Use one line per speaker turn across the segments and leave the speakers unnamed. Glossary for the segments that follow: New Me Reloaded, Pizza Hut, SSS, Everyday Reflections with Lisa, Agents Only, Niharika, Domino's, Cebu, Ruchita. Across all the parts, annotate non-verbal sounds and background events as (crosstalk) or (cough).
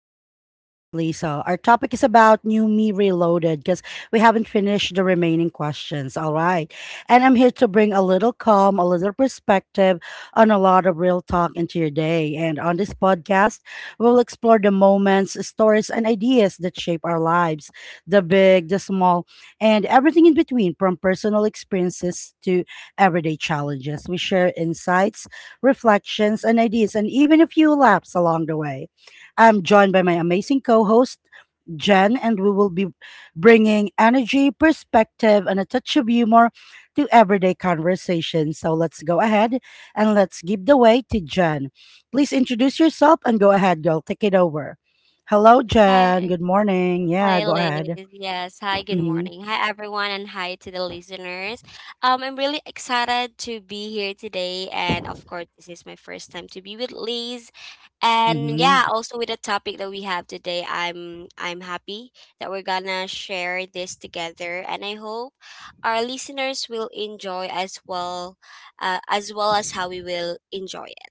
Reflections with Lisa. Our topic is about New Me Reloaded because we haven't finished the remaining questions. All right. And I'm here to bring a little calm, a little perspective, and a lot of real talk into your day. And on this podcast, we'll explore the moments, stories, and ideas that shape our lives, the big, the small, and everything in between, from personal experiences to everyday challenges. We share insights, reflections, and ideas, and even a few laughs along the way. I'm joined by my amazing co host, Jen, and we will be bringing energy, perspective, and a touch of humor to everyday conversation. So let's go ahead and let's give the way to Jen. Please introduce yourself and go ahead, girl. Take it over. Hello, Jen.
Hi,
Good morning. Yeah,
hi,
go
Liz.
ahead.
Yes, hi, good
Mm-hmm.
morning. Hi, everyone, and hi to the listeners. I'm really excited to be here today, and of course, this is my first time to be with Liz. And yeah,
Mm-hmm.
also with the topic that we have today, I'm happy that we're gonna share this together, and I hope our listeners will enjoy as well, as well as how we will enjoy it.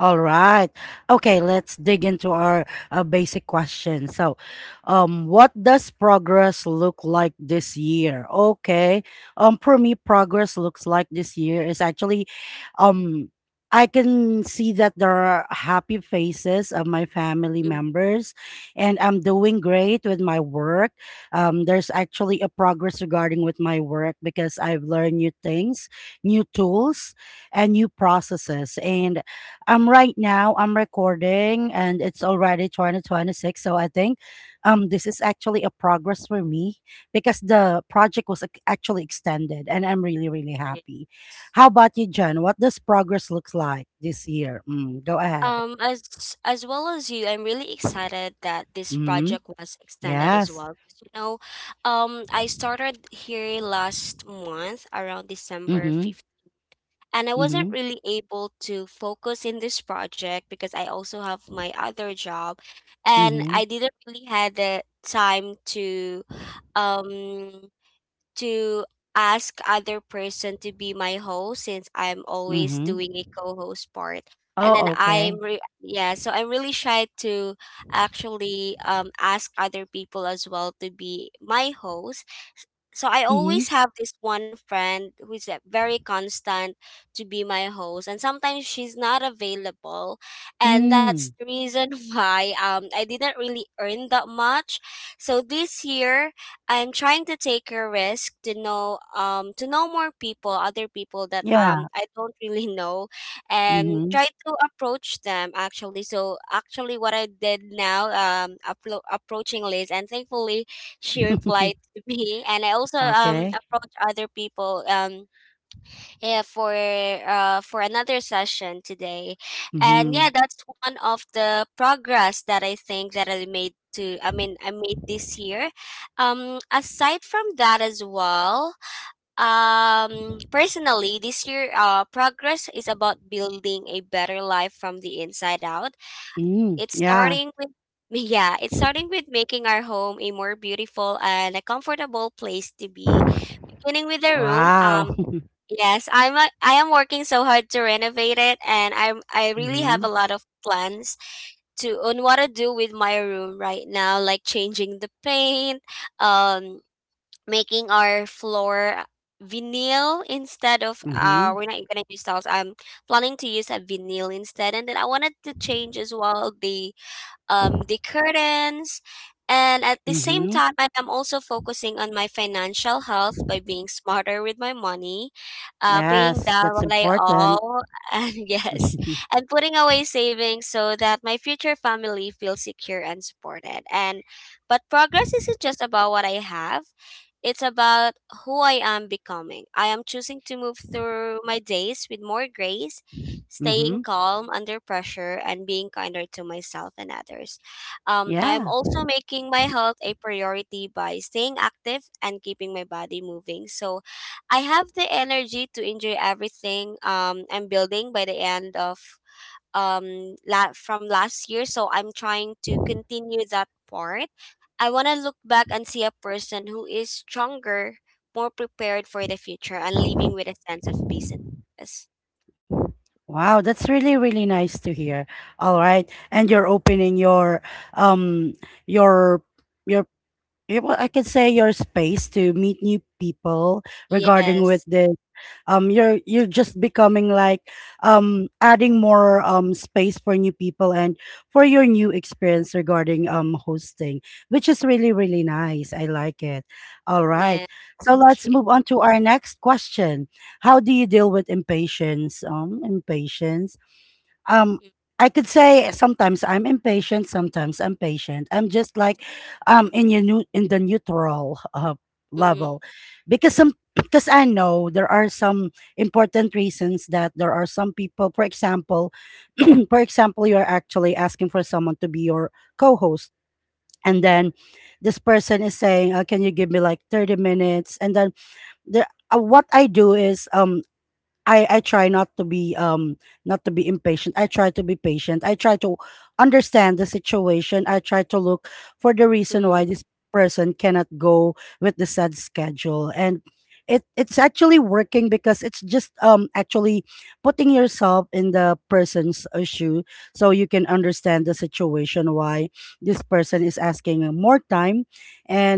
All right. Okay, let's dig into our basic question. So, what does progress look like this year? Okay. For me, progress looks like this year is actually, um, I can see that there are happy faces of my family
Mhm.
members, and I'm doing great with my work. There's actually a progress regarding with my work because I've learned new things, new tools, and new processes, and right now I'm recording and it's already 2026, so I think this is actually a progress for me because the project was actually extended and I'm really happy.
Yes.
How about you, Jen? What does progress looks like this year? Mm, go ahead.
Um, as as well as you, I'm really excited that this
Mhm.
project was extended as
Yes.
well. 'Cause, you know, I started here last month around December
Mhm.
5th, and I wasn't
Mhm.
really able to focus in this project because I also have my other job, and
Mhm.
I didn't really had the time to um to ask other person to be my host since I'm always doing
Mhm.
a co-host part. And then
Oh, okay.
I'm re- yeah, so I'm really shy to actually ask other people as well to be my host. So I
Mhm.
always have this one friend who's very constant to be my host and sometimes she's not available and that's the
Mm.
reason (laughs) why I didn't really earn that much. So this year I'm trying to take a risk to know to know more people, other people that
Yeah.
I don't (laughs) really know and
Mhm.
try to approach them actually. So actually what I did now approaching Liz and thankfully she replied
(laughs)
to (laughs) me and I also
Okay.
approached other people yeah for another session today and
Mhm.
yeah that's one of the progress that I think that I made to I mean I made this year, aside from that as well. Personally this year, progress is about building a better life from the inside out.
Mm.
It's
Yeah.
starting with (laughs) yeah, it's starting with making our home a more beautiful and a comfortable place to be, beginning with the room.
Wow. (laughs)
Yes, I am working so hard to renovate it and I really have
Mhm.
a lot of plans to on what to do with my room right now, like changing the paint, um making our floor vinyl, instead of
Mhm,
we're not gonna use tiles. I'm planning to use a vinyl instead and then I wanted to change as well the curtains. And at the same
mhm.
time, I am also focusing on my financial health by being smarter with my money, paying
Yes,
down
that's
what I
important.
owe, (laughs) and yes,
(laughs)
and putting away savings so that my future family feels secure and supported. And but progress isn't just about what I have; it's about who I am becoming. I am choosing to move through my days with more grace, staying
Mhm.
calm under pressure, and being kinder to myself and others. I am
Yeah.
also making my health a priority by staying active and keeping my body moving. So I have the energy to enjoy everything I'm building by the end of from last year. So I'm trying to continue that part. I want to look back and see a person who is stronger, more prepared for the future, and living with a sense of peace and purpose.
Wow, that's really, really nice to hear. All right. And you're opening your um your your yeah, well, I could say your space to meet new people regarding with
Yes.
the you're just becoming like adding more space for new people and for your new experience regarding hosting, which is really really nice. I like it. All right,
Yeah.
so
Thank
let's
you.
move on to our next question. How do you deal with impatience? Impatience, um I could say sometimes I'm impatient, sometimes I'm patient. I'm just like in your new in the neutral level,
(laughs)
because some, because I know there are some important reasons that there are some people, for example, (clears throat) for example, you're actually asking for someone to be your co-host, and then this person is saying, can you give me like 30 minutes? And then there, what I do is, I try not to be not to be impatient. I try to be patient. I try to understand the situation. I try to look for the reason why
Mm,
this person cannot go with the said schedule. And it's actually working because it's just actually putting yourself in the person's shoe, so you can understand the situation, why this person is asking more time.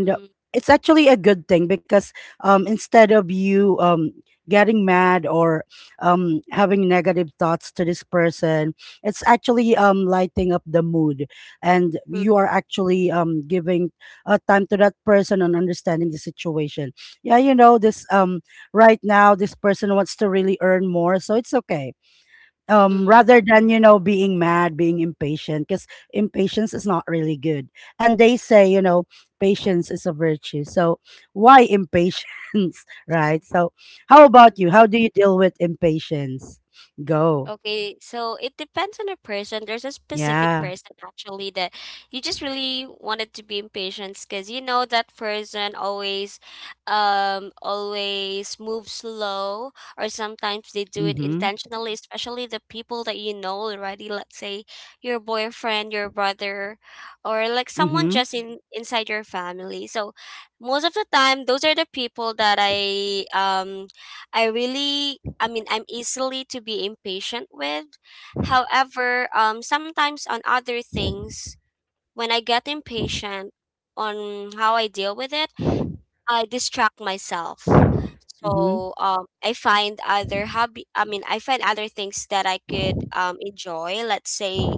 mm, mm,
it's actually a good thing because instead of you getting mad or having negative thoughts to this person, it's actually lighting up the mood, and
mm,
you are actually giving time to that person and understanding the situation. Yeah, you know, this right now this person wants to really earn more, so it's okay,
mm,
rather than, you know, being mad, being impatient, because impatience is not really good. And they say, you know, patience is a virtue, so why
mm,
impatience? (laughs) Right? So how about
mm.
you? How do you deal with impatience? Go.
Okay, so it depends on a person. There's a specific
Yeah.
person actually that you just really wanted to be impatient because you know that person always, always moves slow, or sometimes they do it
Mm-hmm.
intentionally, especially the people that you know already, let's say your boyfriend, your brother, or like someone
Mm-hmm.
just in inside your family. So most of the time, those are the people that I really, I mean, I'm easily to be impatient with. However, sometimes on other things, when I get impatient on how I deal with it, I distract myself.
Mm-hmm.
So I find other hobby. I mean, I find other things that I could enjoy. Let's say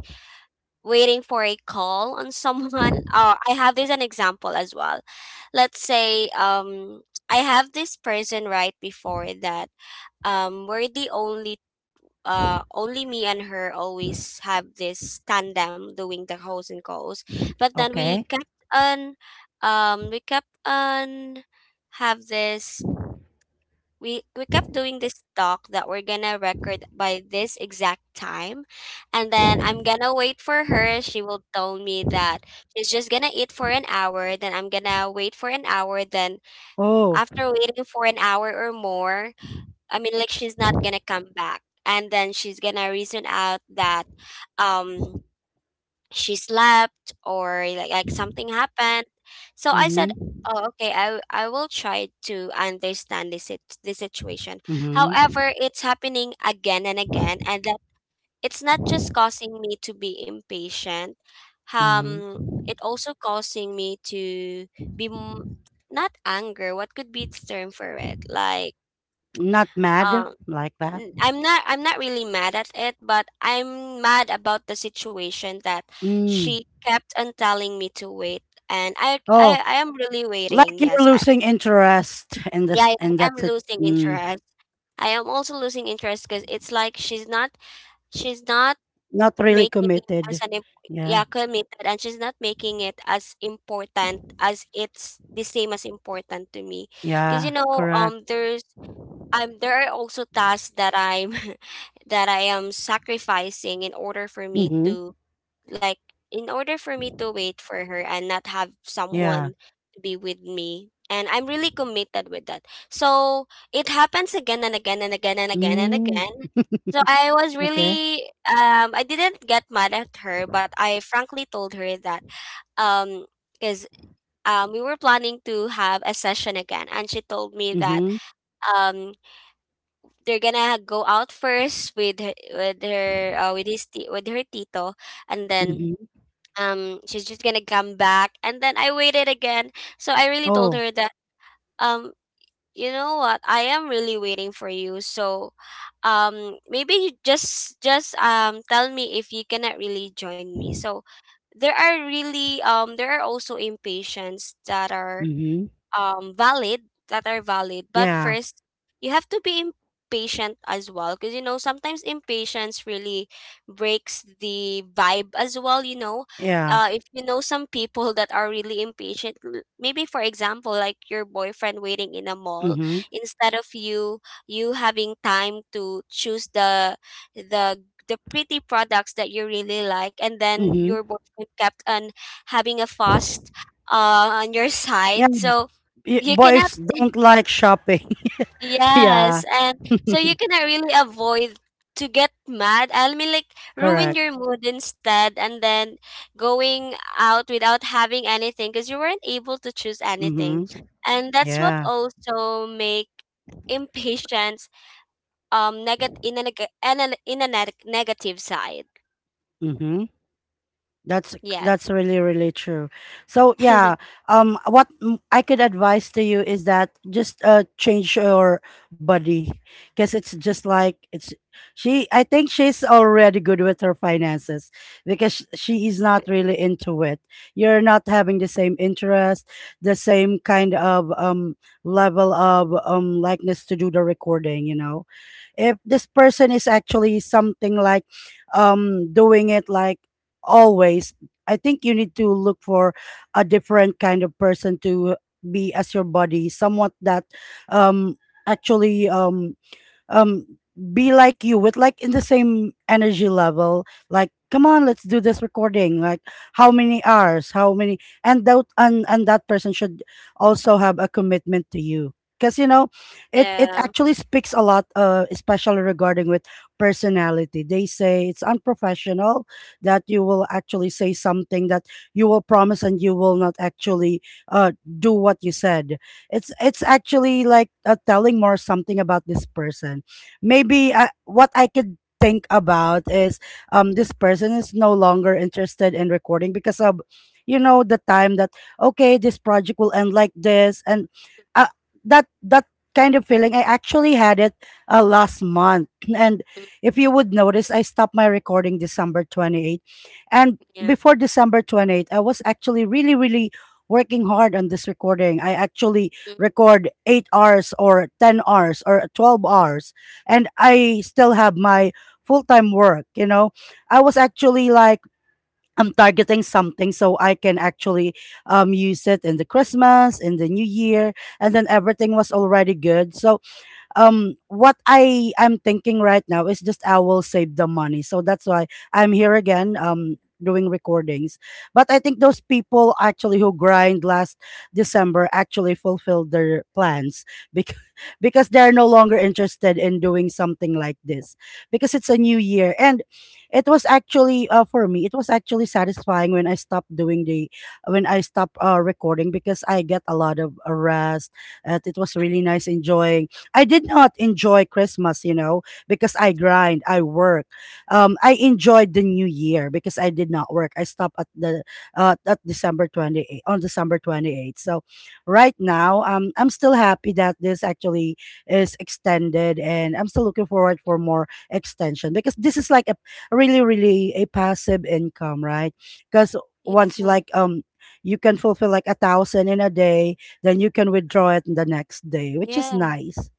waiting for a call on (laughs) someone. I have this an example as well. Let's say I have this person right before that we're the only only me and her always have this tandem doing the house and calls but then we
Okay.
kept on um we kept on have this we kept doing this talk that we're gonna record by this exact time and then I'm gonna wait for her. She will tell me that she's just gonna eat for an hour, then I'm gonna wait for an hour, then
Oh.
after waiting for an hour or more, I mean, like she's not gonna come back, and then she's gonna reason out that um she slept or like something happened. So I said,
Mm-hmm.
"Oh, okay, I will try to understand this this situation."
Mm-hmm.
However, it's happening again and again, and that it's not just causing me to be impatient. Um,
Mm-hmm.
it also causing me to be m- not anger. What could be the term for it? Like
Not mad,
um
like that.
I'm not really mad at it, but I'm mad about the situation that
Mm.
she kept on telling me to wait and
Oh.
I am really
Like
waiting. Yes.
you're
I,
losing interest and
yeah,
this
I
and
am
that's it.
losing
Mm,
interest. I am also losing interest because it's like she's not
not really
making it as
committed.
an yeah,
Yeah.
committed, and she's not making it as important as it's the same as important to me. Because you
Yeah.
know,
Correct.
there are also tasks that I'm (laughs) that I am sacrificing in order for me
Mm-hmm.
to like in order for me to wait for her and not have
Yeah.
someone to be with me. And I'm really committed with that. So it happens again and again and again and again and
Mm,
again. So I was
okay.
really I didn't get mad at her, but I frankly told her that um because we were planning to have a session again and she told me that
Mm-hmm.
um they're gonna go out first with her, with her tito and then
Mm-hmm.
she's just gonna come back and then I waited again, so I really told
Oh.
her that, um you know what, I am really waiting for you, so maybe you just tell me if you cannot really join me. So there are really there are also impatients that are
Mm-hmm.
valid, that are valid, but
Yeah.
first you have to be impatient as well because you know sometimes impatience really breaks the vibe as well, you know.
Yeah.
If you know some people that are really impatient, maybe for example like your boyfriend waiting in a mall,
Mm-hmm.
instead of you having time to choose the the the pretty products that you really like and then
Mm-hmm.
your boyfriend kept on having a fast on your (laughs)
Yeah.
side, so you cannot
Boys
(laughs)
don't like shopping. (laughs) Yeah.
yes, and
(laughs)
so you cannot really avoid to get mad. I mean like ruin
Correct.
your mood instead and then going out without having anything because you weren't able to choose anything.
Mm-hmm.
And that's what
Yeah.
also make impatience negative in a negative side.
Mm-hmm. That's
Yes.
that's really really true. So yeah,
(laughs)
what I could advise to you is that just change your body, because it's just like it's she. I think she's already good with her finances, because she is not really into it. You're not having the same interest, the same kind of level of likeness to do the recording. You know, if this person is actually something like doing it like always. I think you need to look for a different kind of person to be as your buddy, someone that um actually um be like you, with like in the same energy level, like, come on, let's do this recording, like how many hours, how many. And that, and that person should also have a commitment to you, because you know it it
yeah.
actually speaks a lot, especially regarding with personality. They say it's unprofessional that you will actually say something that you will promise and you will not actually uh do what you said. It's actually like, telling more something about this person. Maybe what I could think about is this person is no longer interested in recording because of, you know, the time that, okay, this project will end like this. And uh, that kind of feeling I actually had it last month. And
Mm,
if you would notice, I stopped my recording december 28th, and
yeah.
before december 28th, I was actually really working hard on this recording. I actually
Mm,
record 8 hours or 10 hours or 12 hours, and I still have my full-time work, you know. I was actually like, I'm targeting something, so I can actually use it in the Christmas, in the New Year, and then everything was already good. So what I am thinking right now is, just I will save the money, so that's why I'm here again, doing recordings. But I think those people actually who grind last december actually fulfilled their plans because (laughs) because they're no longer interested in doing something like this, because it's a new year. And it was actually, for me it was actually satisfying when I stopped doing the, when I stopped recording, because I get a lot of rest. And it was really nice enjoying, I did not enjoy Christmas, you know, because I grind, I work. I enjoyed the New Year because I did not work. I stopped at the, at December 28, on December 28th. So right now, I'm still happy that this actually is extended, and I'm still looking forward for more extension, because this is like a really really a passive income, right? Because once you
yeah.
like you can fulfill like 1,000 in a day, then you can withdraw it the next day, which is
Yeah.
nice.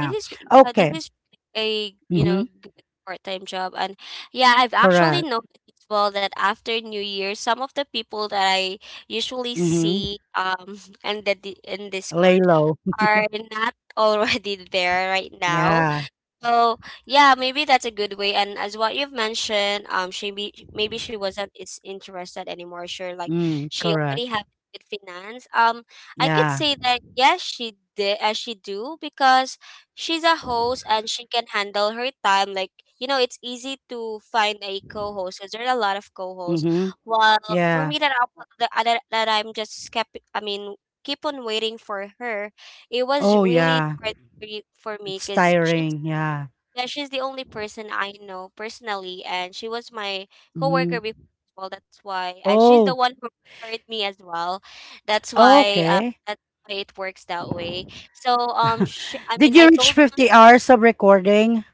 This is yeah, this
Okay.
is a, you
Mhm.
know, good part-time job, and yeah, I've actually
Correct.
noticed as well that after New Year, some of the people that I usually
Mhm.
see (laughs) and the in
Lay
Discord
low.
are not (laughs) already there right now.
Yeah.
So yeah, maybe that's a good way. And as what you've mentioned, maybe she wasn't is interested anymore. Sure, like
Mm,
she
correct.
already have good finance. I could
Yeah.
say that yes, she did. She do because she's a host and she can handle her time. Like you know, it's easy to find a co-host because there are a lot of co-hosts.
Mhm.
While for
Yeah.
me, that I'm just kept. I mean, keep on waiting for her. It was
Oh,
really
yeah.
hard for for me
It's
because she's
tiring. Yeah.
yeah, she's the only person I know personally, and she was my coworker
Mhm.
before as well. That's why, and she's the
Oh,
one who referred me as well. That's why, uh,
okay.
that's why it works that way. So,
(laughs)
sh I mean,
Did
I
you reach
told,
50 hours of recording?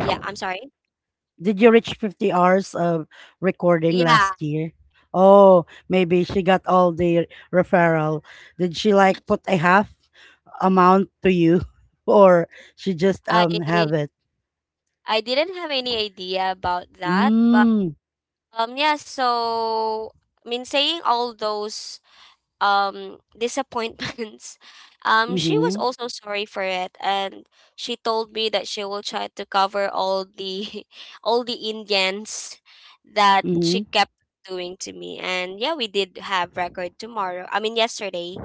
yeah, I'm sorry.
Did you reach 50 hours of recording
Yeah,
last year? Oh, maybe she got all the referral. Did she like put a half amount to you (laughs) or she just
I
have it?
I didn't have any idea about that, but
Mm.
yeah. So, I mean, saying all those disappointments (laughs) she was
Mm-hmm.
also sorry for it, and she told me that she will try to cover all the (laughs) all the indians that she
Mm-hmm.
kept doing to me, and yeah, we did have record tomorrow, I mean yesterday.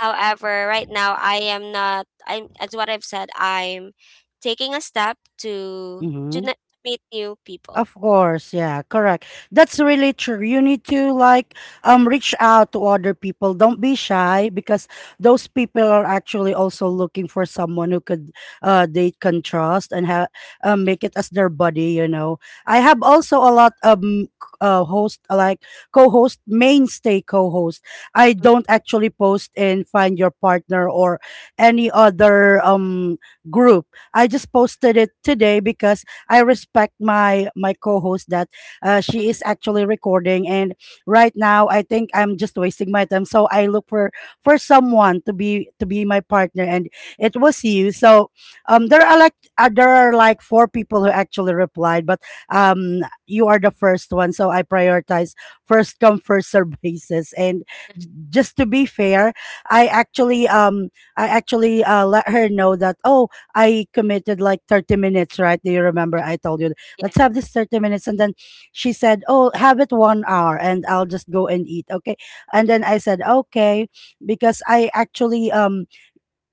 However, right now I am not, I'm, as what I've said, I'm taking a step to
Mm-hmm.
meet new people.
Of course, yeah, correct. That's really true. You need to like reach out to other people. Don't be shy, because those people are actually also looking for someone who could they can trust and have
Mm,
make it as their buddy, you know. I have also a lot host, like co-host, mainstay co-host. I
mm,
don't actually post in find your partner or any other group. I just posted it today because I respect my co-host that she
mm,
is actually recording. And right now I think I'm just wasting my time, so I look for, someone to be my partner, and it was you. So there are like, there are like four people who actually replied, but um, you are the first one, so I prioritize first come first serve (laughs) basis. And
mm.
just to be fair, I actually um I actually let her know that, oh, I committed like 30 minutes, right? Do you remember? I told you,
(laughs) yeah
let's have this 30 minutes. And then she said, Oh, have it 1 hour, and I'll just go and eat. Okay. And then I said, "Okay," because I actually,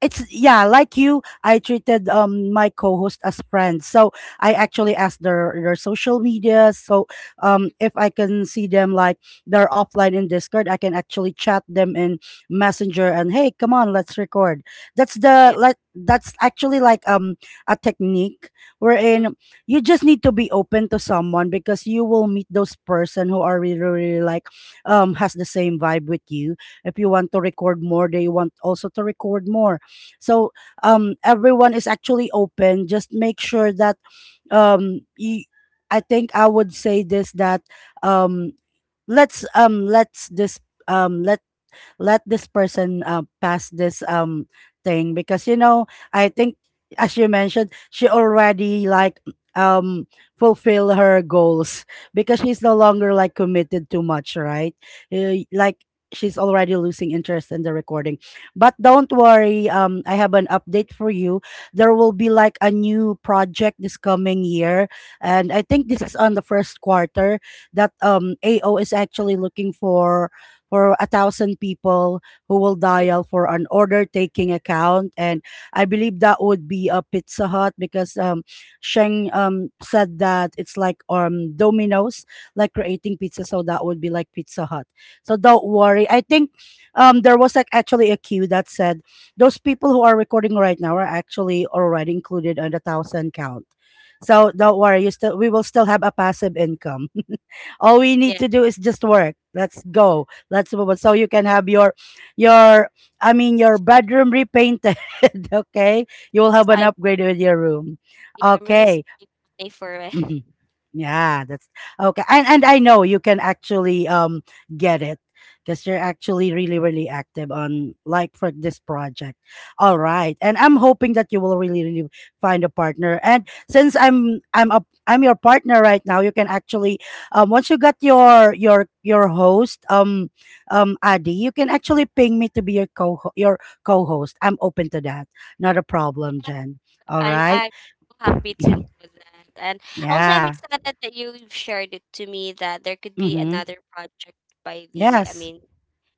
it's, yeah, like you I treated my co-host as friends. So I actually asked their social media, so if I can see them, like, they're offline in Discord. I can actually chat them in Messenger and, hey, come on, let's record. That's the
yeah.
Like, that's actually, like, a technique,
Mm,
wherein you just need to be open to someone because you will meet those person who are really really, like, has the same vibe with you. If you want to record more, they want also to record more. So everyone is actually open. Just make sure that um, you, I think I would say this that um, let's um, let's this um, let's let this person pass this thing because, I think, as you mentioned, she already, like, um fulfill her goals (laughs) because she's no longer, like, committed too much, right? Like, she's already losing interest in the recording. But don't worry, I have an update for you. There will be, like, a new project this coming year, and I think this is on the first quarter, that AO is actually looking for 1,000 people who will
mm,
dial for an order taking account. And I believe that would be a Pizza Hut because, Sheng said that it's, like, Domino's, like, creating pizza. So that would be, like, Pizza Hut. So don't worry. I think there was, like, actually a queue that said those people who are recording right now are actually already included on the 1,000 count. So don't worry, you still we will still have a passive income. (laughs) All we need
yeah.
to do is just work. Let's go. That's about, so you can have your your I mean your bedroom repainted. (laughs) Okay, you will
Yes,
have an
I.
upgrade with your room.
Yeah, I'm really
Okay.
saving money for it.
Mhm. Yeah, that's okay. And I know you can actually get it because you're actually really really active on, like, for this project. All right. And I'm hoping that you will really really find a partner. And since I'm your partner right now, you can actually once you got your host, Adi, you can actually ping me to be your co your co-host. I'm open to that. Not a problem,
(laughs)
Jen. All
I'm
right?
so happy
(laughs)
to know that. And also I'm
Yeah.
excited that you shared it to me that there could be
Mhm.
another project by the
Yes.
mean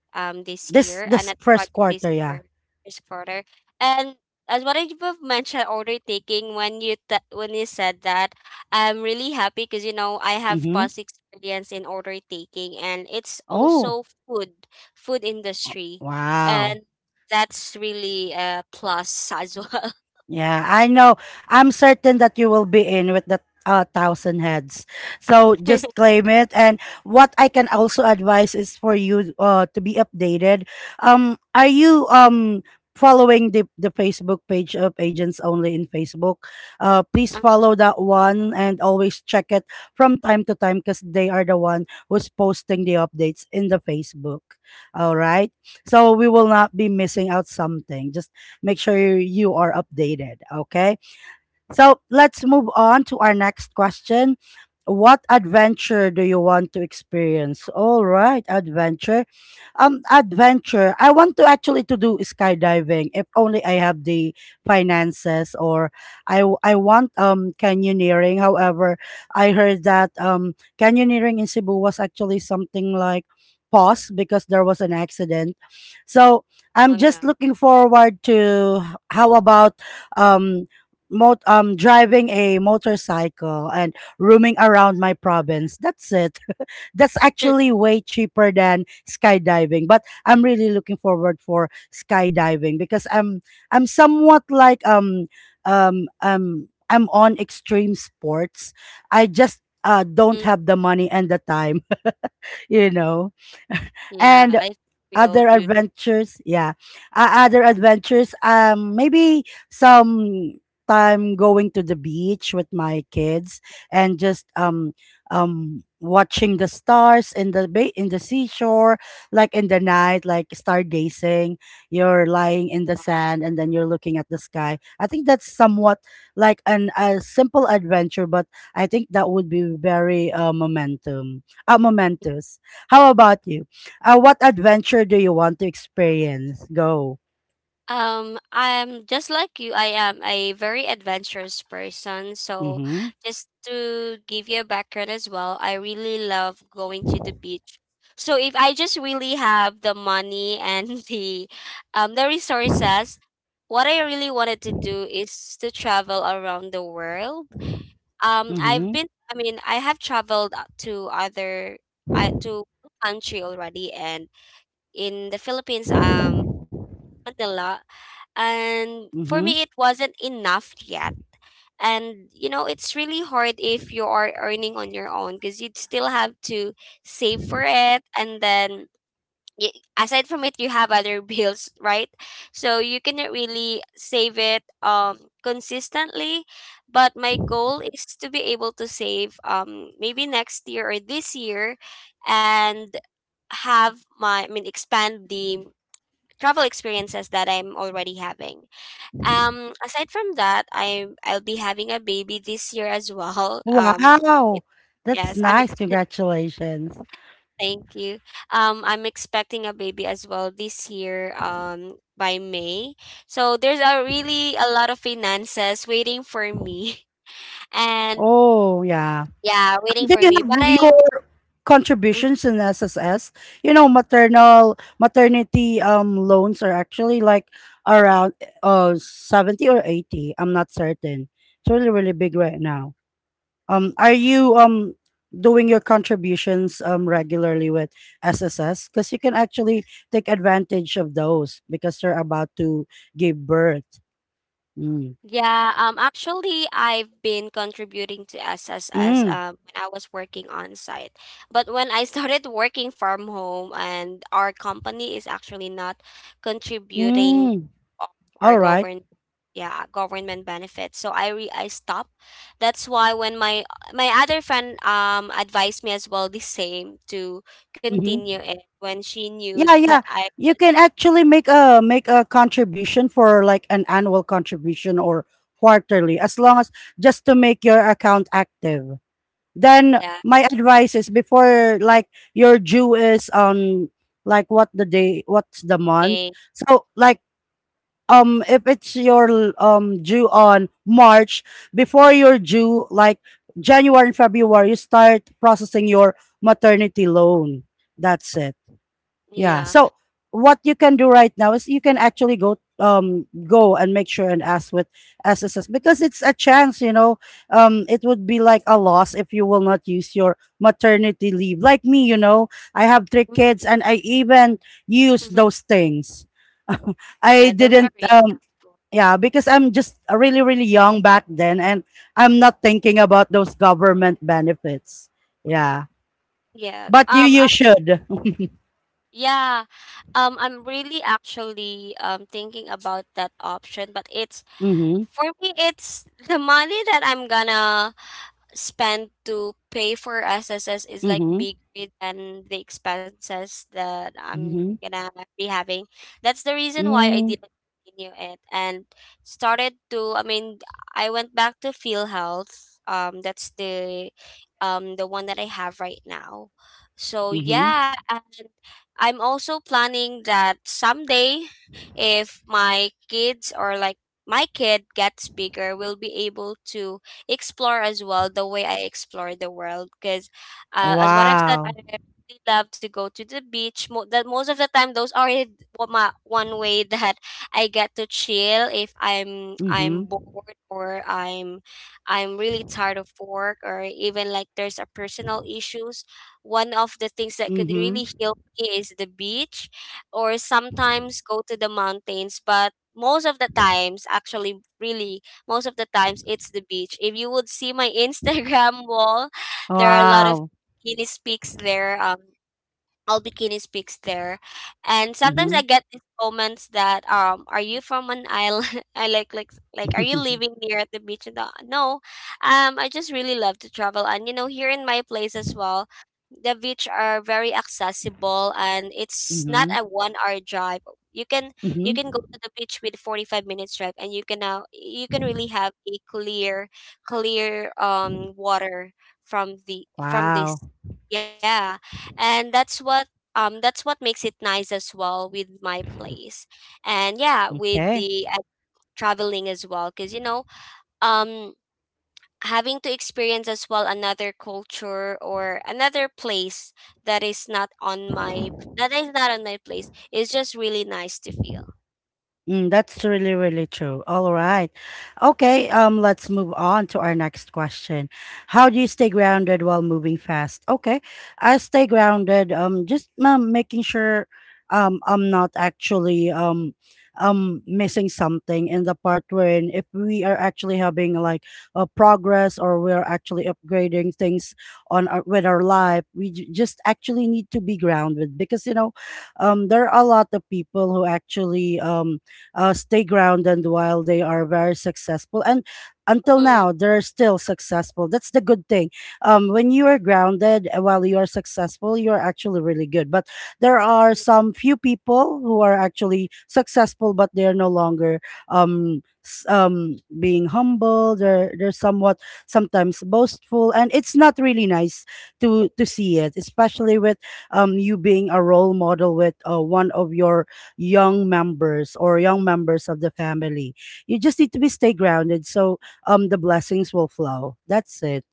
um this
This
year,
this
another
first
project this
quarter, yeah.
year, this quarter. And as what I've mentioned, order taking. When you when you said that, I'm really happy because you know I have
Mm-hmm.
past experience in order taking, and it's
Oh,
also food, food industry,
wow.
and that's really a plus as well.
Yeah, I know. I'm certain that you will be in with the 1,000 heads. So just
(laughs)
claim it. And what I can also advise is for you to be updated. Are you following the Facebook page of Agents Only in Facebook? Please follow that one and always check it from time to time because they are the one who's posting the updates in the Facebook. All right. So we will not be missing out something. Just make sure you are updated. Okay. So let's move on to our next question. What adventure do you want to experience? All right, adventure. Adventure. I want to actually to do skydiving if only I have the finances, or I want canyoneering. However, I heard that canyoneering in Cebu was actually something like pause because there was an accident. So
oh
I'm just
yeah.
looking forward to, how about um driving a motorcycle and roaming around my province. That's it. (laughs) That's actually
(laughs)
way cheaper than skydiving, but I'm really looking forward for skydiving because I'm somewhat, like, I'm on extreme sports. I just don't
Mm,
have the money and the time, (laughs) you know.
Yeah,
And
I think we all
other
do
adventures, yeah, other adventures, maybe some time going to the beach with my kids and just watching the stars in the bay, in the seashore, like in the night, like stargazing. You're lying in the
that.
sand and then you're looking at the sky. I think that's somewhat like an a simple adventure, but I think that would be very momentum momentous. How about you? What adventure do you want to experience? Go.
I'm just like you. I am a very adventurous person. So,
Mm-hmm.
just to give you a background as well, I really love going to the beach. So, if I just really have the money and (laughs) the resources, what I really wanted to do is to travel around the world. I've
Mm-hmm.
been. I mean, I have traveled to other. I to country already and in the Philippines. Manila. And for
Mm-hmm.
me, it wasn't enough yet. And you know, it's really hard if you are earning on your own because you'd still have to save for it. And then, aside from it, you have other (laughs) bills, right? So you cannot really save it consistently. But my goal is to be able to save maybe next year or this year and have my, I mean, expand the travel experiences that I'm already having. Aside from that, I'll be having a baby this year as well. It,
Wow. That's
yes, I'm.
nice.
Ex-
Congratulations.
Thank you. I'm expecting a baby as well this year. By May. So there's a really a lot of finances waiting for me, (laughs) and
Oh, yeah.
yeah, waiting
Do
for
you
me. But
have
I'm.
your
Mm,
contributions in SSS? You know, maternal maternity loans are actually, like, around 70 or 80. I'm not certain. It's really, really big right now. Are you doing your contributions regularly with SSS? Because you can actually take advantage of those because they are about to give birth. Mm.
Yeah, actually I've been contributing to SSS
Mm.
when I was working on site. But when I (laughs) started working from home and our company is actually not contributing
Mm.
of our
All right.
govern yeah, government benefits. So I stopped. That's why when my other friend advised me as well the same to continue
Mm-hmm.
it when she knew
Yeah,
(laughs) that
yeah.
I was
You can actually make a contribution for, like, an annual contribution or quarterly, as long as, just to make your account active. Then
yeah.
my advice is before, like, your due is on, like, what the day, what's the month.
eh,
So, like, if it's your due on March, before your due, like, January and February, you start processing your maternity loan. That's it. Yeah.
yeah.
So what you can do right now is you can actually go go and make sure and ask with SSS because it's a chance, It would be, like, a loss if you will not use your maternity leave. Like me, you know, I have three kids, and I even use those
(laughs)
things. (laughs) I
Yeah, those are
didn't
really helpful.
yeah, because I'm just really really young back then and I'm not thinking about those government benefits. Yeah.
Yeah.
But you you should. (laughs)
Yeah. I'm really actually thinking about that option, but it's
Mhm.
for me, it's the money that I'm gonna spend to pay for SSS is like
Mhm.
bigger than the expenses that I'm
Mhm.
gonna be having. That's the reason why I
Mm,
didn't continue it and started to. I mean, I went back to Field Health. That's the one that I have right now. So
mhm.
yeah, and I'm also planning that someday, if my kids or like my kid gets bigger will be able to explore as well the way I explore the world because as what I've said I
Wow.
really love to go to the beach that most of the time those are it- wa- ma- one way (laughs) that I get to chill if I'm
Mhm,
bored or I'm really tired of work or even like there's a personal issues one of the things that could
mhm.
really heal me is the beach or sometimes go to the mountains but most of the times actually really most of the times it's the beach if you would see my (laughs) instagram wall there are a lot of
Wow.
guinness pics there all bikini speaks there. And sometimes I
Mhm.
get these comments that are you from an island? (laughs) I like are you living near at the beach? And the, no. Um, I just really love to travel and you know here in my place as well the beach are very accessible and it's not
Mhm,
a 1 hour drive. You can
mhm.
go
(laughs)
to the beach with 45 minutes drive and you can really have a clear water from the from
Wow,
this yeah and that's what makes it nice as well with my place and yeah with
okay.
the traveling as well because you know um having to experience as well another culture or another place that is not on my place is just really nice to feel.
Mm, that's really really true. All right. Okay, let's move on to our next question. How do you stay grounded while moving fast? Okay. I stay grounded, just making sure I'm not actually missing something in the part, wherein if we are actually having, like, a progress, or we're actually upgrading things on with our life, we just actually need to be grounded because, there are a lot of people who actually stay grounded while they are very successful. And until
mm,
now, they're still successful. That's the good thing. When you are grounded, while you are successful, you're actually really good. But there are
mm,
some few people who are actually successful, but they're no longer being humble. They're somewhat sometimes boastful. And it's not really nice to see it, especially with you being a role model with one of your young members or young members of the family. You just need to be stay grounded, so the blessings will flow. That's it.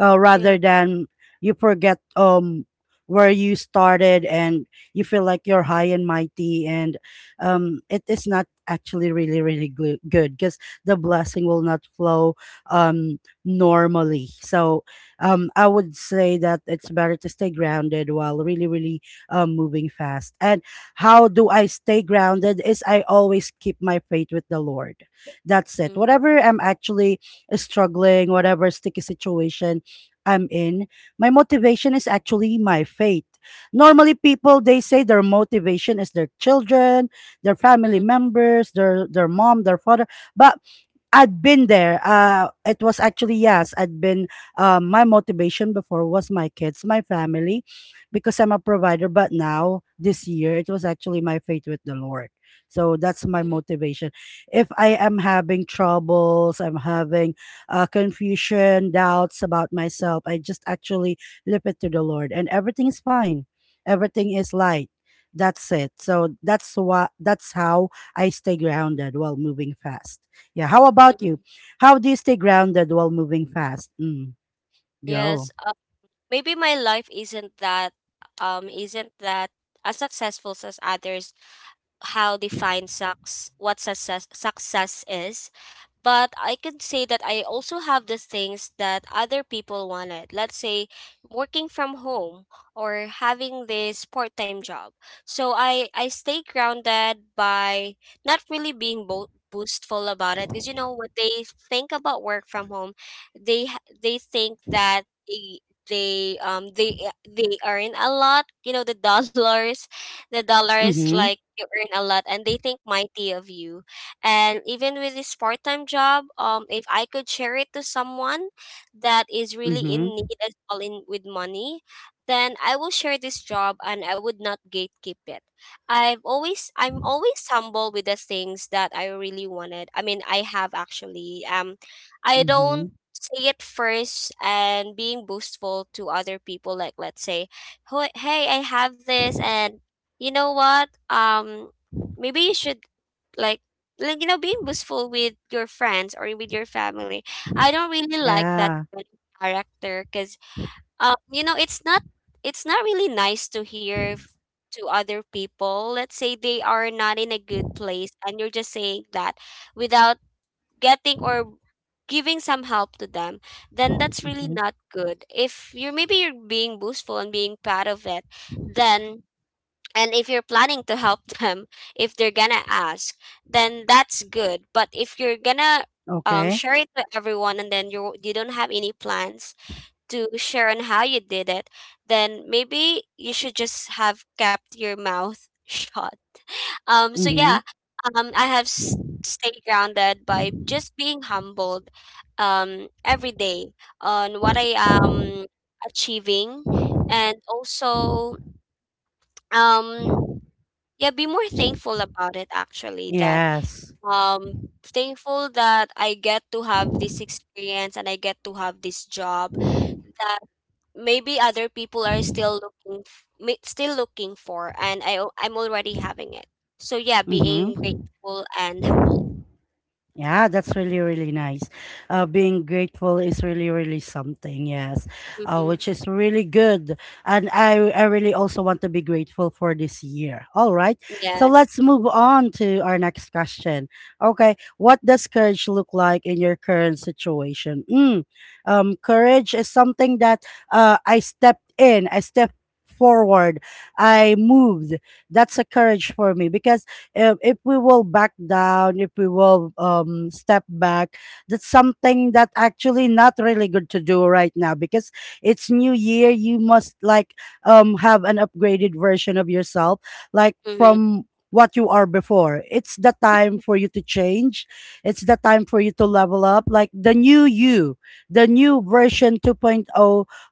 Rather
yeah
than you forget where you started and you feel like you're high and mighty, and it is not actually really really good because the blessing will not flow normally. So I would say that it's better to stay grounded while really really moving fast. And how do I stay grounded is I always keep my faith with the Lord. That's it.
mm,
Whatever I'm actually struggling, whatever sticky situation I'm in, my motivation is actually my faith. Normally people, they say their motivation is their children, their family
mm,
members, their mom, their father, but I'd been there. It was actually, yes. I'd been. My motivation before was my kids, my family, because I'm a provider. But now this year, it was actually my faith with the Lord. So that's my
mm,
motivation. If I am having troubles, I'm having confusion, doubts about myself, I just actually lift it to the Lord, and everything is fine. Everything is light. That's it. So that's what. That's how I stay grounded while moving fast. Yeah. How about you?
mm.
How do you stay grounded while moving fast? Mm, go.
Yes maybe my life isn't that as successful as others. How define sucks what success success is, but I could say that I also have the things that other people wanted. Let's say working from home or having this part-time job. So I stay grounded by not really being boastful about it because you know what they think about work from home. They think that they they um they they earn a lot, you know, the (laughs) dollars. The dollars,
Mm-hmm.
like, you earn a lot and they think mighty of you. And even with this part-time job, if I could share it to someone that is really in
Mm-hmm.
need as well in with money, then I will share this job and I would not gatekeep it. I'm always humble with the things that I really wanted. I mean, I have actually I
Mm-hmm.
don't say it first and being boastful to other people, like, let's say, "Hoy- hey, I have this, and you know what? Maybe you should like like you know," being boastful with your friends or with your family. I don't really like that
Yeah.
kind of character because you know it's not really nice to hear to other people. Let's say they are not in a good place and you're just saying that without getting or giving some help to them, then that's really
Mm-hmm.
not good if you're maybe you're being boastful and being proud of it. Then and if you're planning to help (laughs) them if they're gonna ask, then that's good. But if you're gonna
Okay.
share it to everyone and then you don't have any plans to share on how you did it, then maybe you should just have kept your mouth (laughs) shut.
Mm-hmm.
Yeah, um i have s- stayed grounded by just being humbled every day on what I am achieving and also um yeah, be more thankful about it actually, that
Yes.
thankful that I get to have this experience and I get to have this job that maybe other people are still looking still looking for, and I'm already having it. So yeah,
Mm-hmm.
being grateful and humbled.
Yeah, that's really really nice. Being grateful is really really something, yes,
Hmm.
which is really good. And I really also want to be grateful for this year. All right. So
Yes.
let's move on to our next question. Okay. What does courage look like in your current situation? Courage is something that, I stepped in, I stepped forward, I moved. That's a courage for me because, if we will back down, if we will step back, that's something that actually not really good to do right now, because it's new year. You must, like, have an upgraded version of yourself, like
Hmm.
from what you are before. It's the time for you to change. It's the time for you to level up, like the new you, the new version 2.0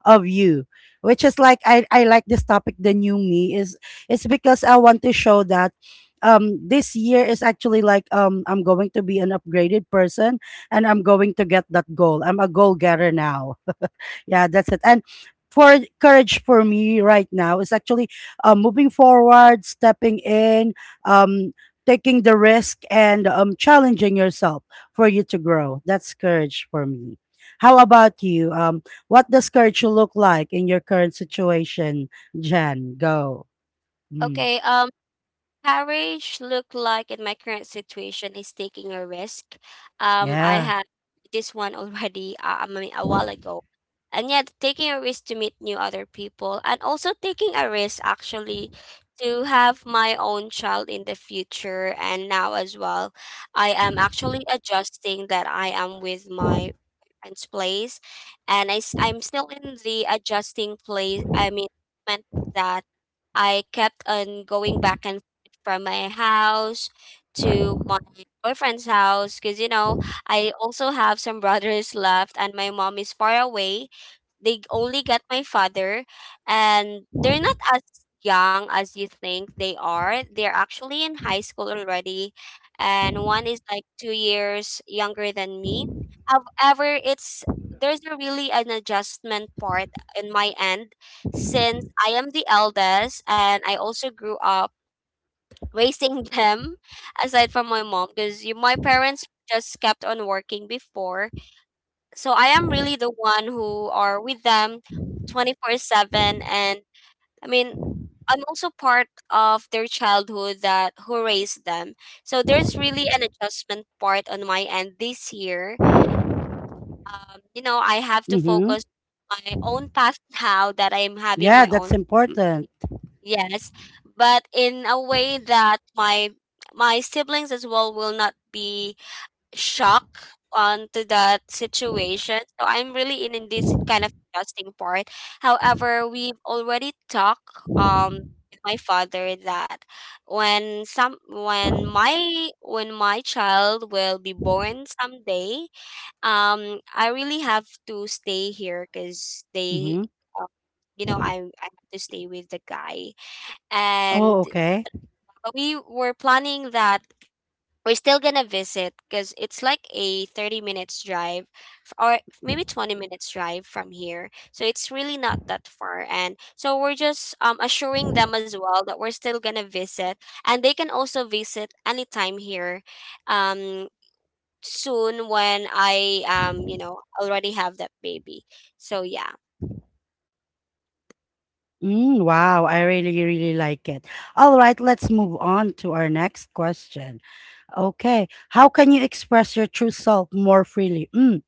of you. Which is like, I like this topic. The new me is it's because I want to show that this year is actually like, I'm going to be an upgraded person, and I'm going to get that goal. I'm a goal getter now. Yeah, that's it. And for courage for me right now is actually moving forward, stepping in, um taking the risk, and challenging yourself for you to grow. That's courage for me. How about you? What does courage look like in your current situation, Jen? Go. Mm,
Okay. Um, courage look like in my current situation is taking a risk. I
yeah.
had this one (laughs) already. I mean, a while ago, and yet taking a risk to meet new other people, and also taking a risk actually to have my own child in the future, and now as well, I am actually adjusting that I am with my friend's place, and I am still in the adjusting place. I mean, meant that I kept on going back and forth from my house to my boyfriend's house because you know I also have some brothers left, and my mom is far away. They only get my father and they're not as young as you think they are. They're actually in high school already, and one is like 2 years younger than me. However, it's there's a really an adjustment part in my end since I am the eldest and I also grew up raising (laughs) them aside from my mom because my parents just kept on working before. So I am really the one who are with them 24/7 and I mean I'm also part of their childhood that who raised them. So there's really an adjustment part on my end this year. You know, I have to
Mhm.
focus my own path now that I'm having
Yeah,
my
that's
own.
important.
Yes, but in a way that my siblings as well will not be shock onto that situation. So I'm really in this kind of adjusting part. However, we've already talked um with my father that when my child will be born someday, I really have to stay here because they
Hmm.
uh, you know I have to stay with the guy
Oh,
and
okay.
we were planning that we're still gonna visit because it's like a 30 minutes drive or maybe 20 minutes drive from here, so it's really not that far, and so we're just assuring them as well that we're still gonna visit and they can also visit anytime here um, soon when I you know already have that baby. So yeah.
Mm, wow, I really really like it. All right, let's move on to our next question. Okay, how can you express your true self more freely? Mm,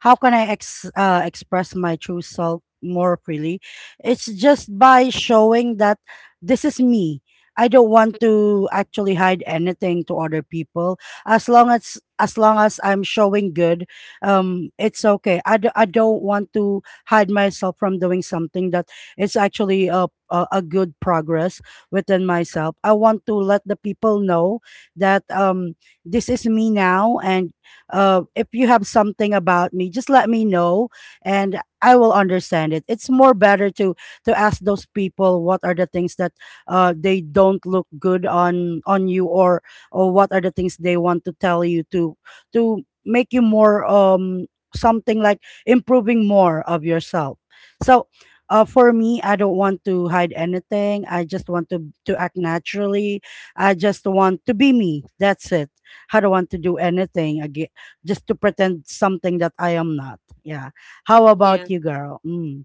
how can I express my true self more freely? It's just by showing that this is me. I don't want to actually hide anything to other people. As long as I'm showing good, it's okay. I don't want to hide myself from doing something that is actually a good progress within myself. I want to let the people know that this is me now, and if you have something about me, just let me know, and I will understand it. It's more better to ask those people what are the things that they don't look good on you or what are the things they want to tell you to make you more something like improving more of yourself. So for me, I don't want to hide anything. I just want to act naturally. I just want to be me. That's it. I don't want to do anything just to pretend something that I am not. Yeah. How
Yeah,
about you, girl? Mm,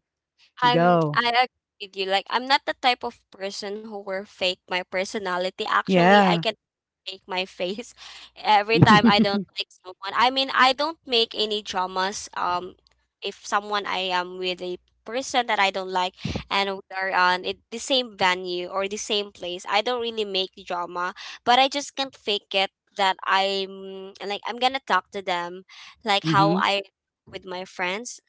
go.
I agree with you. Like, I'm not the type of person who will fake my personality. Actually, I
Yeah.
can make my face (laughs) every time I don't
(laughs)
like someone. I mean, I don't make any dramas. If someone I am with a person that I don't like, and we are on it, the same venue or the same place, I don't really make drama. But I just can't fake it that I'm like I'm gonna talk to them, like how
Mm-hmm.
I with my friends.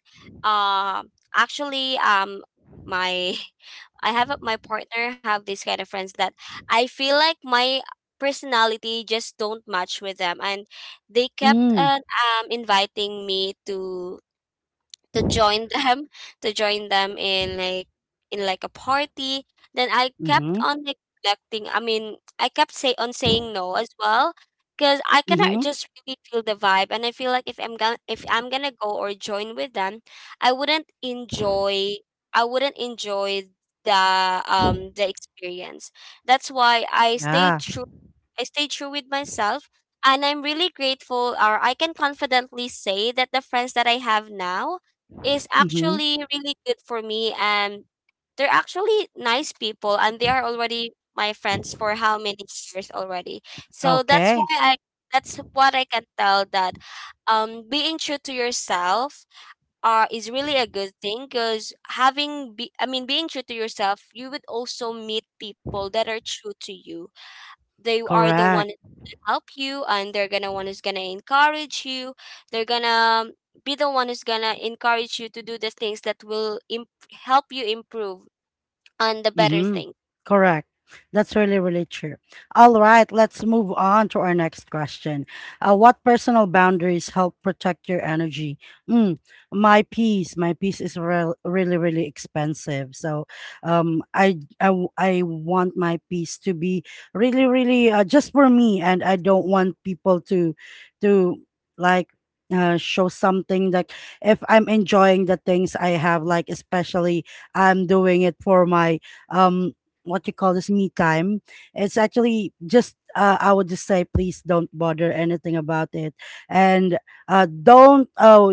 Uh, actually, my (laughs) my partner have this kind of friends that I feel like my personality just don't match with them, and they kept
Mm,
on inviting me to join them (laughs) to join them in like a party. Then I kept
mm-hmm.
on neglecting, I mean, I kept say on saying no as well, because I cannot
Mm-hmm.
just really feel the vibe, and I feel like if I'm gonna go or join with them, i wouldn't enjoy I wouldn't enjoy the experience. That's why
Yeah.
I stayed true with myself, and I'm really grateful, or I can confidently say that the friends that I have now is
Mm-hmm.
actually really good for me, and they're actually nice people, and they are already my friends for how many years already. So
Okay.
that's what I can tell, that being true to yourself is really a good thing, because having be- I mean being true to yourself, you would also meet people that are true to you. They are the one
Correct.
help you, and they're gonna be the one who's gonna encourage you to do the things that will help you improve on the better
Mm-hmm.
thing.
Correct. That's really, really true. All right, let's move on to our next question. What personal boundaries help protect your energy? Mm, my piece is rel really, really expensive. So, I want my piece to be really, really just for me, and I don't want people to like. Show something like if I'm enjoying the things I have, like especially I'm doing it for my um what you call this, me time. It's actually just I would just say, please don't bother anything about it, and don't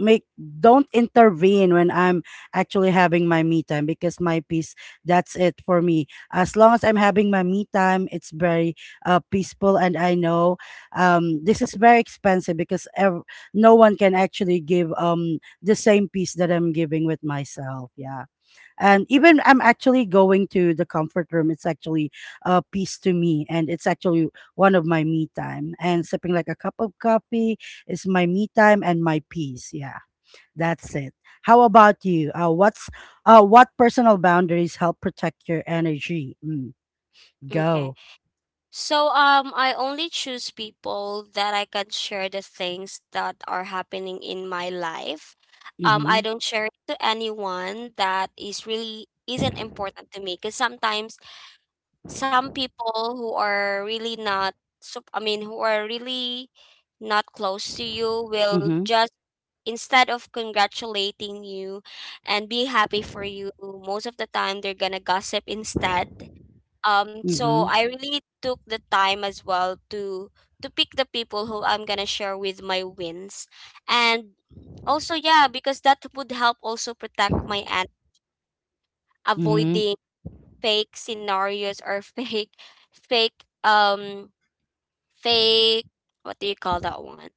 make don't intervene when I'm actually having my me time, because my peace, that's it for me. As long as I'm having my me time, it's very peaceful, and I know this is very expensive because no one can actually give the same peace that I'm giving with myself, yeah. And even I'm actually going to the comfort room, it's actually a peace to me, and it's actually one of my me time, and sipping like a cup of coffee is my me time and my peace, yeah. That's it. How about you? Uh, what's what personal boundaries help protect your energy? Mm,
Okay,
go.
so I only choose people that I can share the things that are happening in my life. I
Mm-hmm.
don't share it to anyone that is really isn't important to me, because sometimes some people who are really not sup- I mean who are really not close to you will
Mm-hmm.
just, instead of congratulating you and be happy for you, most of the time they're gonna gossip instead. So
Mm-hmm.
I really took the time as well to pick the people who I'm gonna share with my wins. And also yeah, because that would help also protect my aunt,
Mm-hmm.
avoiding fake scenarios or (laughs) fake um fake what do you call that one?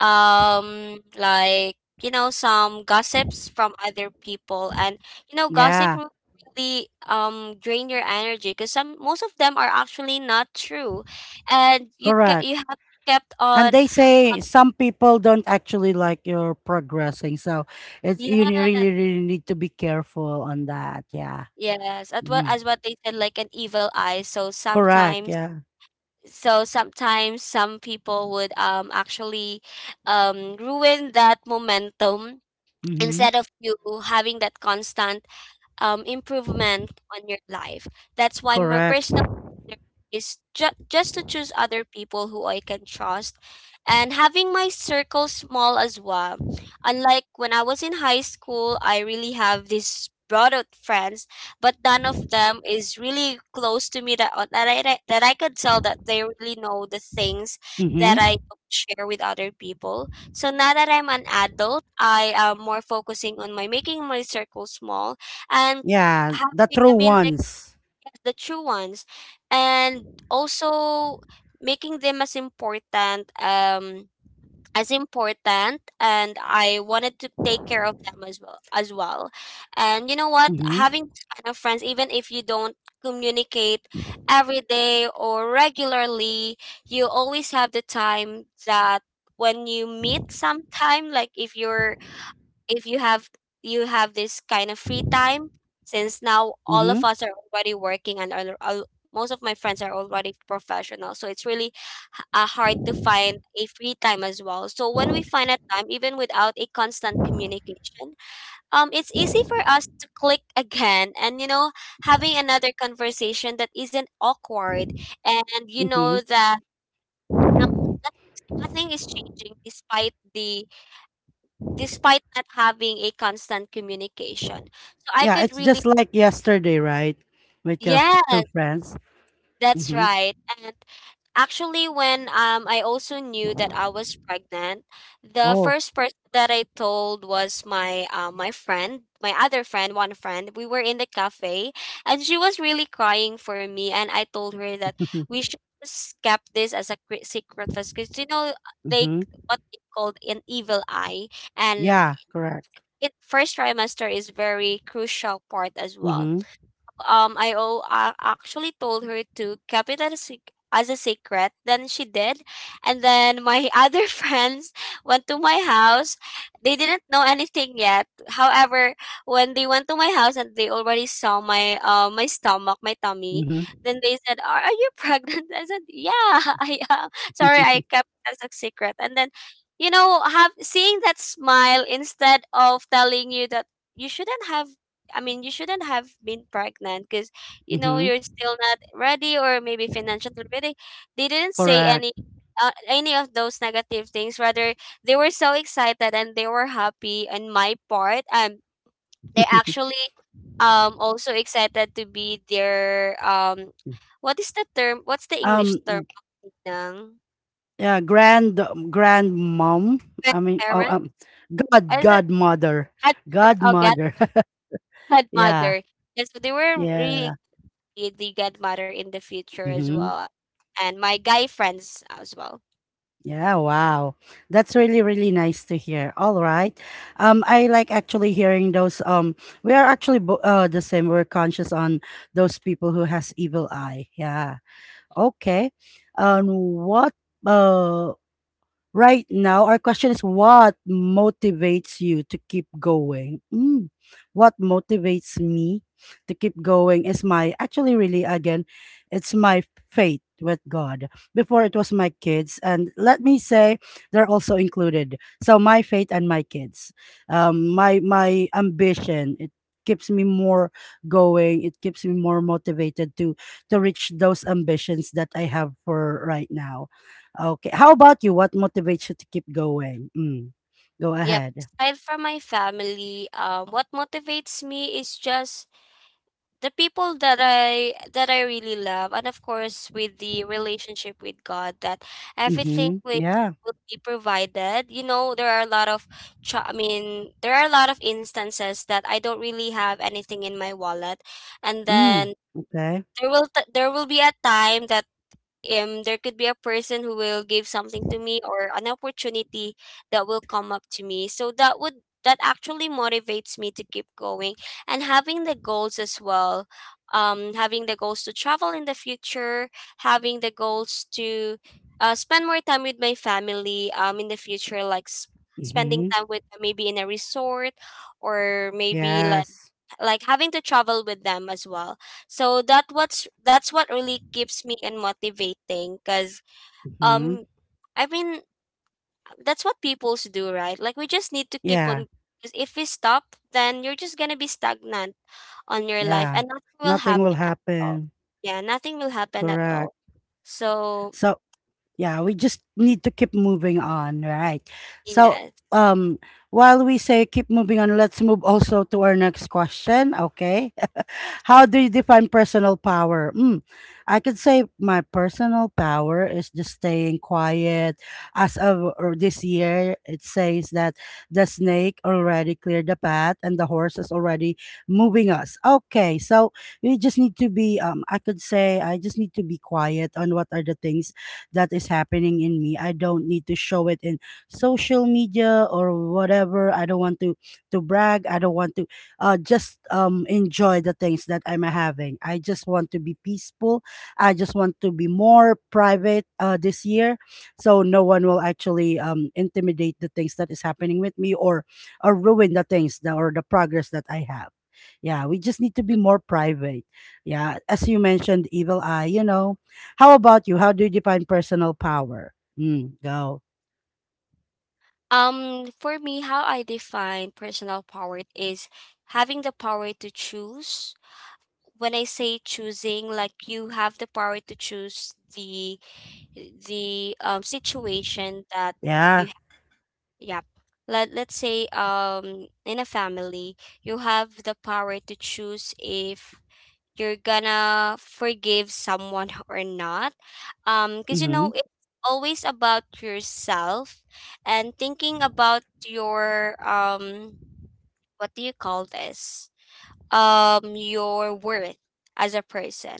Like, some gossips from other people, and you know gossip
Yeah.
will really drain your energy because some most of them are actually not true, and
Correct.
you have kept
And
on,
they say some people don't actually like your progressing. So it's you really,
yeah.
really need to be careful on that. Yeah.
Yes, at what
Mm.
as what they said, like an evil eye. So
Correct.
sometimes
Yeah.
some people would actually ruin that momentum,
Mm-hmm.
instead of you having that constant improvement on your life. That's why my
Correct.
personal leader is just to choose other people who I can trust, and having my circle small as well. Unlike when I was in high school, I really have these broad out friends, but none of them is really close to me that I could tell that they really know the things that I
Mm-hmm.
don't share with other people. So now that I'm an adult, I am more focusing on my making my circle small, and
Yeah. The
having
true
I mean, like,
ones.
yes, the true ones, and also making them as important, as important, and I wanted to take care of them as well. And you know what?
Mm-hmm.
Having this kind of friends, even if you don't communicate every day or regularly, you always have the time that when you meet sometime, like, if you have this kind of free time, since now all of
Mm-hmm.
us are already working, and most of my friends are already professional, so it's really hard to find a free time as well. So when we find a time, even without a constant communication, it's easy for us to click (laughs) again, and you know, having another conversation that isn't awkward, and you know
Mm-hmm.
that, um, nothing nothing is changing despite the despite not having a constant communication. So I
Yeah.
could
It's
really,
just like yesterday, right? With your
yes,
true friends.
that's
Mm-hmm.
right. And actually, when I also knew that I was pregnant, the
Oh.
first person that I told was my friend, my other friend, one friend. We were in the cafe, and she was really crying for me, and I told her that
(laughs)
we should. Just kept this as secret first, because you know they
Mm-hmm.
what they called an evil eye, and
Yeah. Correct.
it first trimester is very crucial part as well.
Mm-hmm.
Actually told her to keep it as as a secret. Then she did, and then my (laughs) other friends went to my house. They didn't know anything yet. However, when they went to my house and they already saw my stomach, my tummy,
Mm-hmm.
then they said, "Are you pregnant?" (laughs) I said, "Yeah, (laughs) I am. Sorry,
(laughs)
I kept it as a secret," and then. You know, have seeing that smile instead of telling you that you shouldn't have I mean, you shouldn't have been pregnant because you know
Mm-hmm.
you're still not ready or maybe financially ready. They didn't say
Correct.
any of those negative things. Rather, they were so excited and they were happy. On my part, they actually also excited to be their what is the term? What's the English
Um,
term? Ng
Yeah, grandmom. I mean, oh,
Grandparent? Or is it
godmother,
godparent? Oh,
godmother. (laughs) Yeah,
godmother. Yes, so they were really
yeah,
be the godmother in the future as
hmm.
well, and my guy friends as well.
Yeah. Wow, that's really really nice to hear. All right, I like actually hearing those. We are actually the same. We're conscious on those people who has evil eye. Yeah. Okay. Um, what? Uh. Right now, our question is what motivates you to keep going? Mm, what motivates me to keep going is my, actually, really, again, it's my faith with God. Before it was my kids, and let me say they're also included. So my faith and my kids, my my ambition. It keeps me more going. It keeps me more motivated to reach those ambitions that I have for right now. Okay. How about you? What motivates you to keep going? Mm. Go
Yep.
ahead.
Aside from my family, what motivates me is just the people that I really love, and of course with the relationship with God, that everything
Mm-hmm.
with
Yeah.
will be provided. You know, there are a lot of, I mean, there are a lot of instances that I don't really have anything in my wallet, and
Mm.
then
Okay.
there will be a time that, there could be a person who will give something to me, or an opportunity that will come up to me. So that actually motivates me to keep going, and having the goals as well. Having the goals to travel in the future, having the goals to spend more time with my family, in the future, like spending
Mm-hmm.
time with maybe in a resort, or maybe like
Yes.
like having to travel with them as well. So that's what really keeps me in motivating, because
Mm-hmm.
um I mean, that's what peoples do, right? Like, we just need to keep
Yeah.
on, 'cause if we stop then you're just gonna be stagnant on your life
Yeah.
and nothing will
Nothing will
happen at all.
happen.
Yeah, nothing will happen at
Correct.
all. So
So yeah, we just need to keep moving on, right? So
yes.
um while we say keep moving on, let's move also to our next question. Okay. How do you define personal power? Mm, I could say my personal power is just staying quiet. As of or this year, it says that the snake already cleared the path and the horse is already moving us. Okay, so we just need to be, I could say, I just need to be quiet on what are the things that is happening in me. I don't need to show it in social media or whatever. I don't want to brag. I don't want to just enjoy the things that I'm having. I just want to be peaceful. I just want to be more private this year, so no one will actually intimidate the things that is happening with me or ruin the things that, or the progress that I have. Yeah, we just need to be more private. Yeah, as you mentioned, evil eye. You know, how about you? How do you define personal power? Mm, go.
For me, how I define personal power is having the power to choose. When I say choosing, like, you have the power to choose the situation that
Yeah.
you ha- yep. Let's say in a family, you have the power to choose if you're gonna forgive someone (laughs) or not. Because you
Mm-hmm.
know it's always about yourself, and thinking about your what do you call this? Your worth as a person.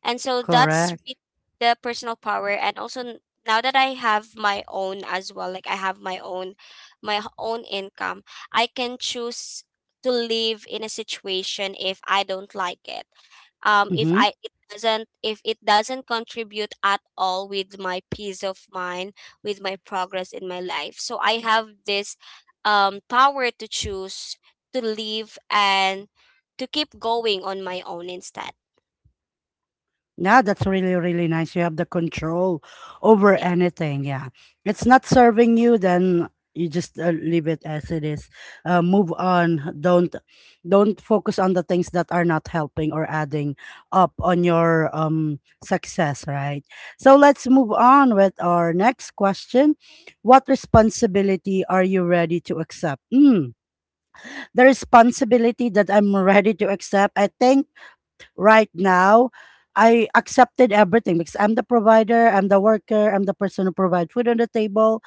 And so that's really
Correct.
the personal power. And also now that I have my own as well, like, I have my own, own income. I can choose to live in a situation if I don't like it. If
Mm-hmm.
I it doesn't, if it doesn't contribute at all with my peace of mind, with my progress in my life, so I have this power to choose to live, and to keep going on my own instead.
Yeah, that's really, really nice. You have the control over
Yeah.
anything. Yeah. It's not serving you, then you just leave it as it is. Move on. Don't focus on the things that are not helping or adding up on your success, right? So let's move on with our next question. What responsibility are you ready to accept? Mm, the responsibility that I'm ready to accept, I think right now I accepted everything because I'm the provider, I'm the worker, I'm the person who provides food on the table.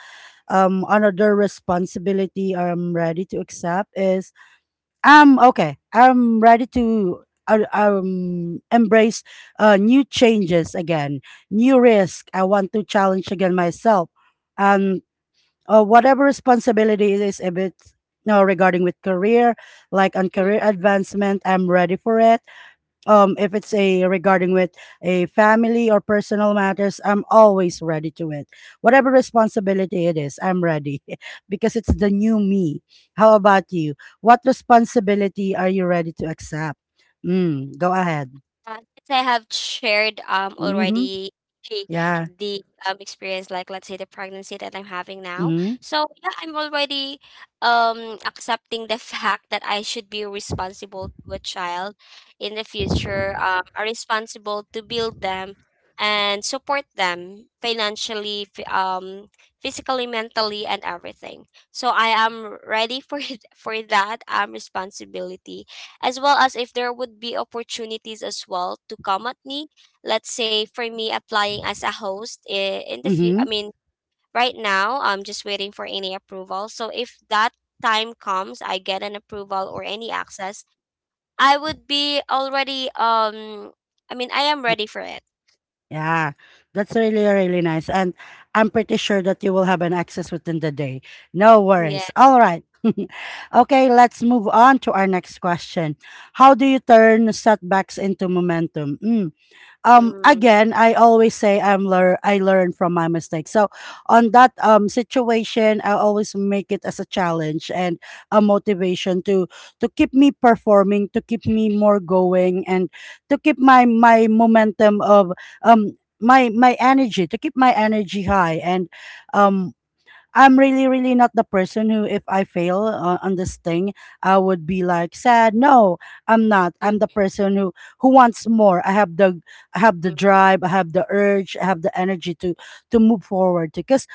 Another responsibility I'm ready to accept is I'm okay, I'm ready to embrace new changes again, new risk. I want to challenge again myself, and whatever responsibility it is, if it's no regarding with career, like on career advancement, I'm ready for it. If it's a regarding with a family or personal matters, I'm always ready to it. Whatever responsibility it is, I'm ready. (laughs) Because it's the new me. How about you? What responsibility are you ready to accept? Mm, go ahead.
Since I have shared
Mm-hmm.
already the
Yeah.
the experience, like let's say the pregnancy that I'm having now.
Mm-hmm.
So yeah, I'm already accepting the (laughs) fact that I should be responsible to a child in the future, are responsible to build them and support them financially, physically, mentally, and everything. So I am ready for (laughs) for that responsibility, as well as if there would be opportunities as well to come at me. Let's say for me applying as a host in the future. I
Mm-hmm.
mean, right now I'm just waiting for any approval, so if that time comes, I get an approval or any access, I would be already I mean, I am ready for it.
Yeah, that's really, really nice. And I'm pretty sure that you will have an access within the day. No
Yeah.
worries. All right. (laughs) Okay, let's move on to our next question. How do you turn setbacks into momentum? Mm,
Mm-hmm.
again, I always say I learn from my mistakes. So on that situation I always make it as a challenge and a motivation to keep me performing, to keep me more going, and to keep my momentum of my energy, to keep my energy high. And um I'm really, really not the person who, if I fail on this thing, I would be like sad. No, I'm not. I'm the person who wants more. I have the drive. I have the urge. I have the energy to move forward. Because.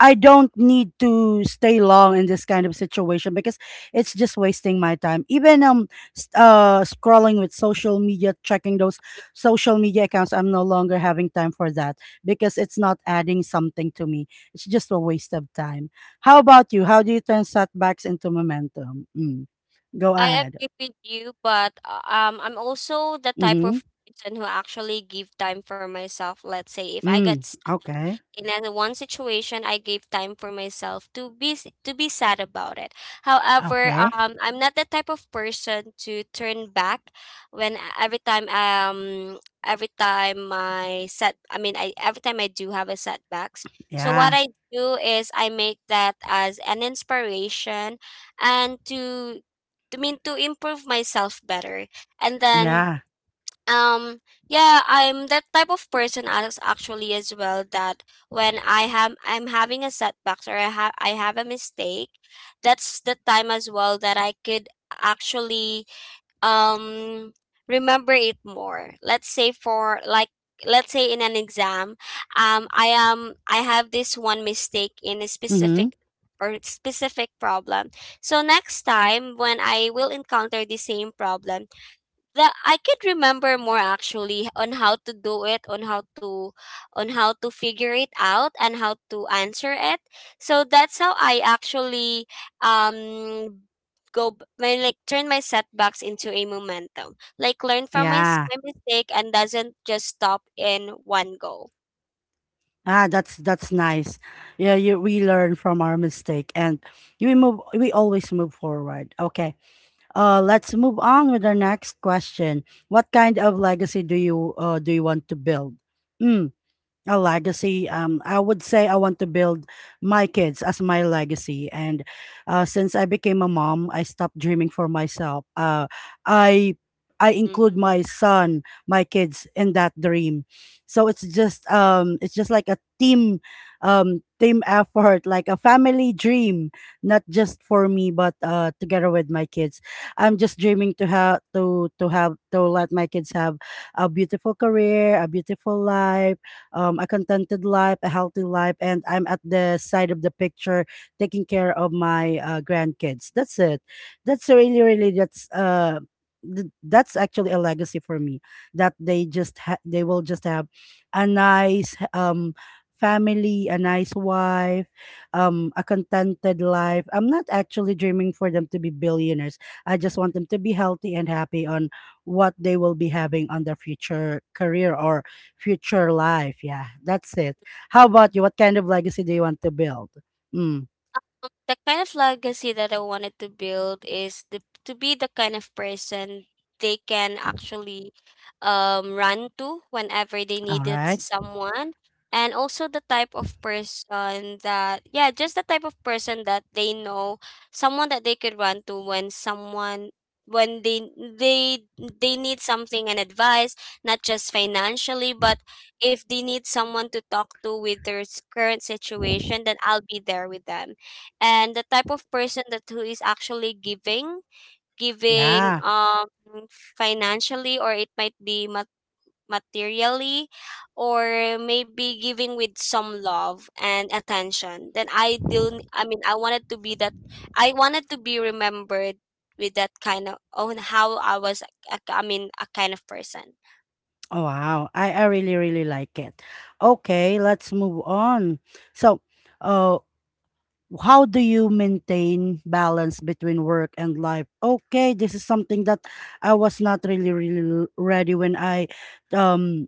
I don't need to stay long in this kind of situation because it's just wasting my time. Even scrolling with social media, checking those social media accounts, I'm no longer having time for that because it's not adding something to me. It's just a waste of time. How about you? How do you turn setbacks into momentum? Mm. Go
I
ahead.
agree with you, but I'm also the type
Mhm.
of person who actually give time for myself. Let's say if I get
Mm.
sad
Okay.
in any one situation, I gave time for myself to be sad about it. However,
Okay.
I'm not the type of person to turn back when every time my set I mean I every time I do have a setbacks. So what
Yeah.
I do is I make that as an inspiration and to mean to improve myself better. And then
Yeah.
um yeah, I'm that type of person as actually as well that when I'm having a setbacks or I have a mistake. That's the time as well that I could actually um remember it more. Let's say for like let's say in an exam. I have this one mistake in a
Mhm.
specific problem, so next time when I will encounter the same problem, the I could remember more actually on how to do it, on how to figure it out and how to answer it. So that's how I actually um go b- my like turn my setbacks into a momentum. Like learn from my, s-
Yeah.
my mistake and doesn't just stop in one go.
Ah, that's nice. Yeah, you we learn from our mistake, and you move we always move forward. Okay. Uh, let's move on with our next question. What kind of legacy do you want to build? Hmm, a legacy, I would say I want to build my kids as my legacy. And since I became a mom, I stopped dreaming for myself. Uh i i include
Mm.
my kids in that dream. So it's just like a team, team effort, like a family dream, not just for me but together with my kids. I'm just dreaming to have to let my kids have a beautiful career, a beautiful life, a contented life, a healthy life, and I'm at the side of the picture taking care of my grandkids. That's it. That's really, really, that's that's actually a legacy for me, that they just they will just have a nice family, a nice wife, a contented life. I'm not actually dreaming for them to be billionaires. I just want them to be healthy and happy on what they will be having on their future career or future life. Yeah, that's it. How about you? What kind of legacy do you want to build? Mm,
The kind of legacy that I wanted to build is to be the kind of person they can actually run to whenever they
all
needed
right.
someone. And also the type of person that, yeah, just the type of person that they know, someone that they could run to when they they need something and advice, not just financially, but if they need someone to talk to with their s- current situation, then I'll be there with them. And the type of person that who is actually giving giving
Yeah.
um financially, or it might be mat- materially, or maybe giving with some love and attention, then I wanted to be that. I wanted to be remembered with that kind of on how I was a kind of person.
Oh, wow. I really, really like it. Okay, let's move on. So, uh, how do you maintain balance between work and life? Okay, this is something that I was not really ready when I um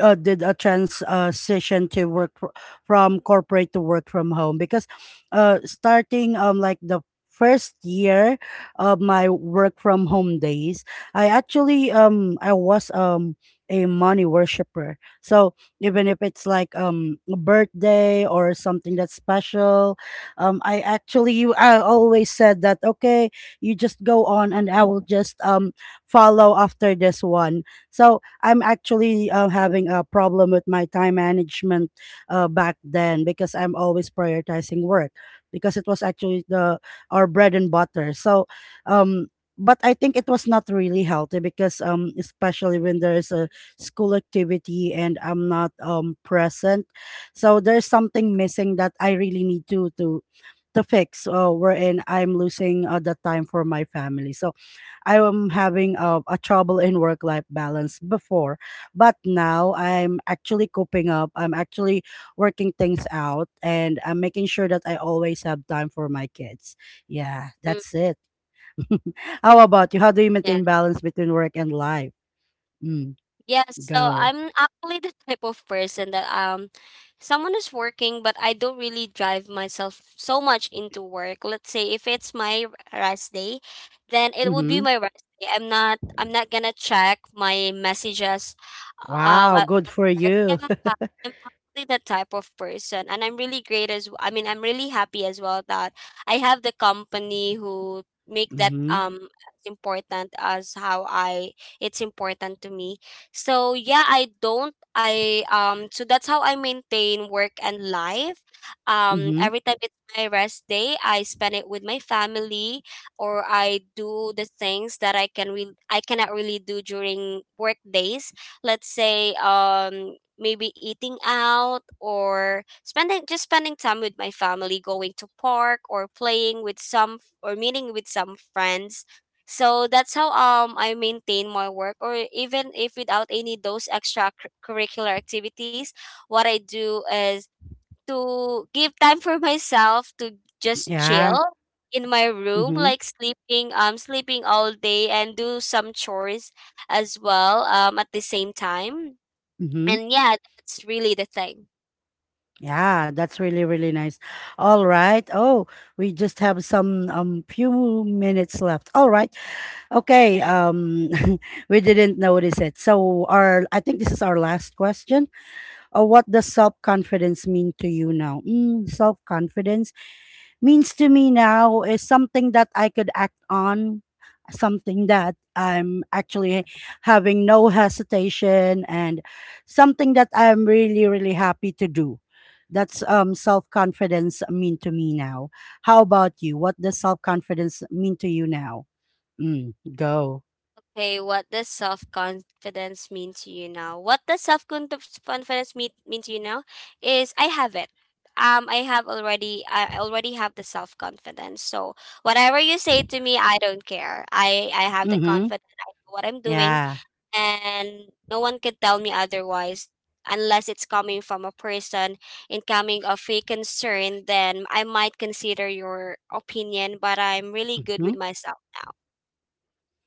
did a transition to work from corporate to work from home. Because starting like the first year of my work from home days, I actually I was a money worshiper. So even if it's like a birthday or something that's special, I actually, I always said that, okay, you just go on and I will just follow after this one. So I'm actually having a problem with my time management back then, because I'm always prioritizing work, because it was actually the our bread and butter. Um, but I think it was not really healthy, because especially when there is a school activity and I'm not present. So there's something missing that I really need to the fix, wherein I'm losing the time for my family. So I am having a trouble in work life balance before, but now I'm actually coping up. I'm actually working things out, and I'm making sure that I always have time for my kids. Yeah,
Mm,
that's it. (laughs) How about you? How do you
yeah.
maintain balance between work and life? Mm,
Yes, so
go.
I'm actually the type of person that someone is working, but I don't really drive myself so much into work. Let's say if it's my rest day, then it would be
Mm-hmm.
my rest day. I'm not gonna check my messages um
Wow,
at
good
at
for
work.
you. (laughs)
Yeah, I'm probably the type of person, and I'm really happy as well that I have the company who make that
Mm-hmm.
as important as how I it's important to me. So yeah, I don't I so that's how I maintain work and life. Um,
Mm-hmm.
every time it's my rest day, I spend it with my family, or I do the things that I cannot really do during work days. Let's say maybe eating out or spending time with my family, going to park, or playing with some or meeting with some friends. So that's how I maintain my work. Or even if without any those extra cur- curricular activities, what I do is to give time for (laughs) myself to just
Yeah.
chill in my room,
Mm-hmm.
like sleeping, sleeping all day and do some chores as well at the same time.
Mm-hmm.
And yeah, that's really the thing.
Yeah, that's really, really nice. All right. Oh, we just have some few minutes left. All right. Okay. (laughs) We didn't notice it. So our, I think this is our last question. What does self-confidence mean to you now? Mm, self-confidence means to me now is something that I could act on, something that I'm actually having no hesitation, and something that I'm really, really happy to do. That's self confidence mean to me now. How about you? What does self confidence mean to you now? Mm, go.
Okay, what does self confidence mean to you now? What does self confidence mean to you now? Is I have it. I have already. I already have the self confidence. So whatever you say to me, I don't care. I have the
Mm-hmm.
confidence. I know what I'm doing,
Yeah.
and no one can tell me otherwise unless it's coming from a person incoming of a concern. Then I might consider your opinion, but I'm really good
Mm-hmm.
with myself now.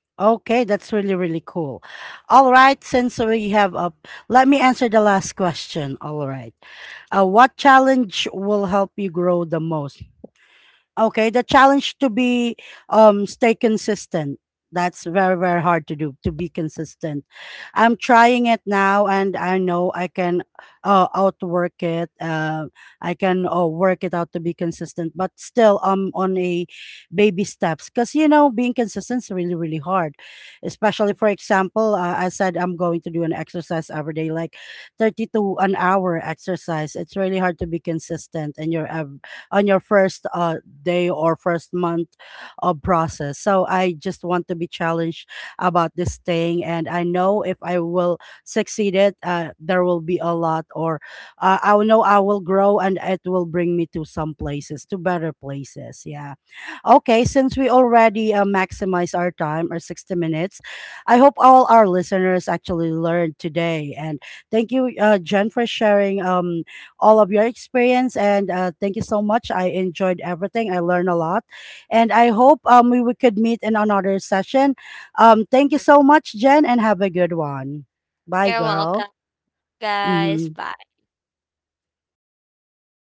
Okay, that's really, really cool. All right, since we have a, let me answer the last question. All right. What challenge will help you grow the most? Okay, the challenge to be stay consistent. That's very very hard to do, to be consistent. I'm trying it now, and I know I can outwork it. I can work it out to be consistent, but still I'm on a baby steps, because you know being consistent is really really hard. Especially for example, I said I'm going to do an exercise every day, like 30 to an hour exercise. It's really hard to be consistent, and on your first day or first month of process. So I just want to be challenged about this thing, and I know if I will succeed it, there will be a lot, or I will know I will grow, and it will bring me to some places, to better places. Yeah. Okay, since we already maximize our time, our 60 minutes, I hope all our listeners actually learned today. And thank you, Jen, for sharing all of your experience. And thank you so much. I enjoyed everything. I learned a lot. And I hope we could meet in another session. Thank you so
(laughs)
much, Jen, and have a good one. Bye,
You're
girl.
welcome, guys.
Hmm.
Bye.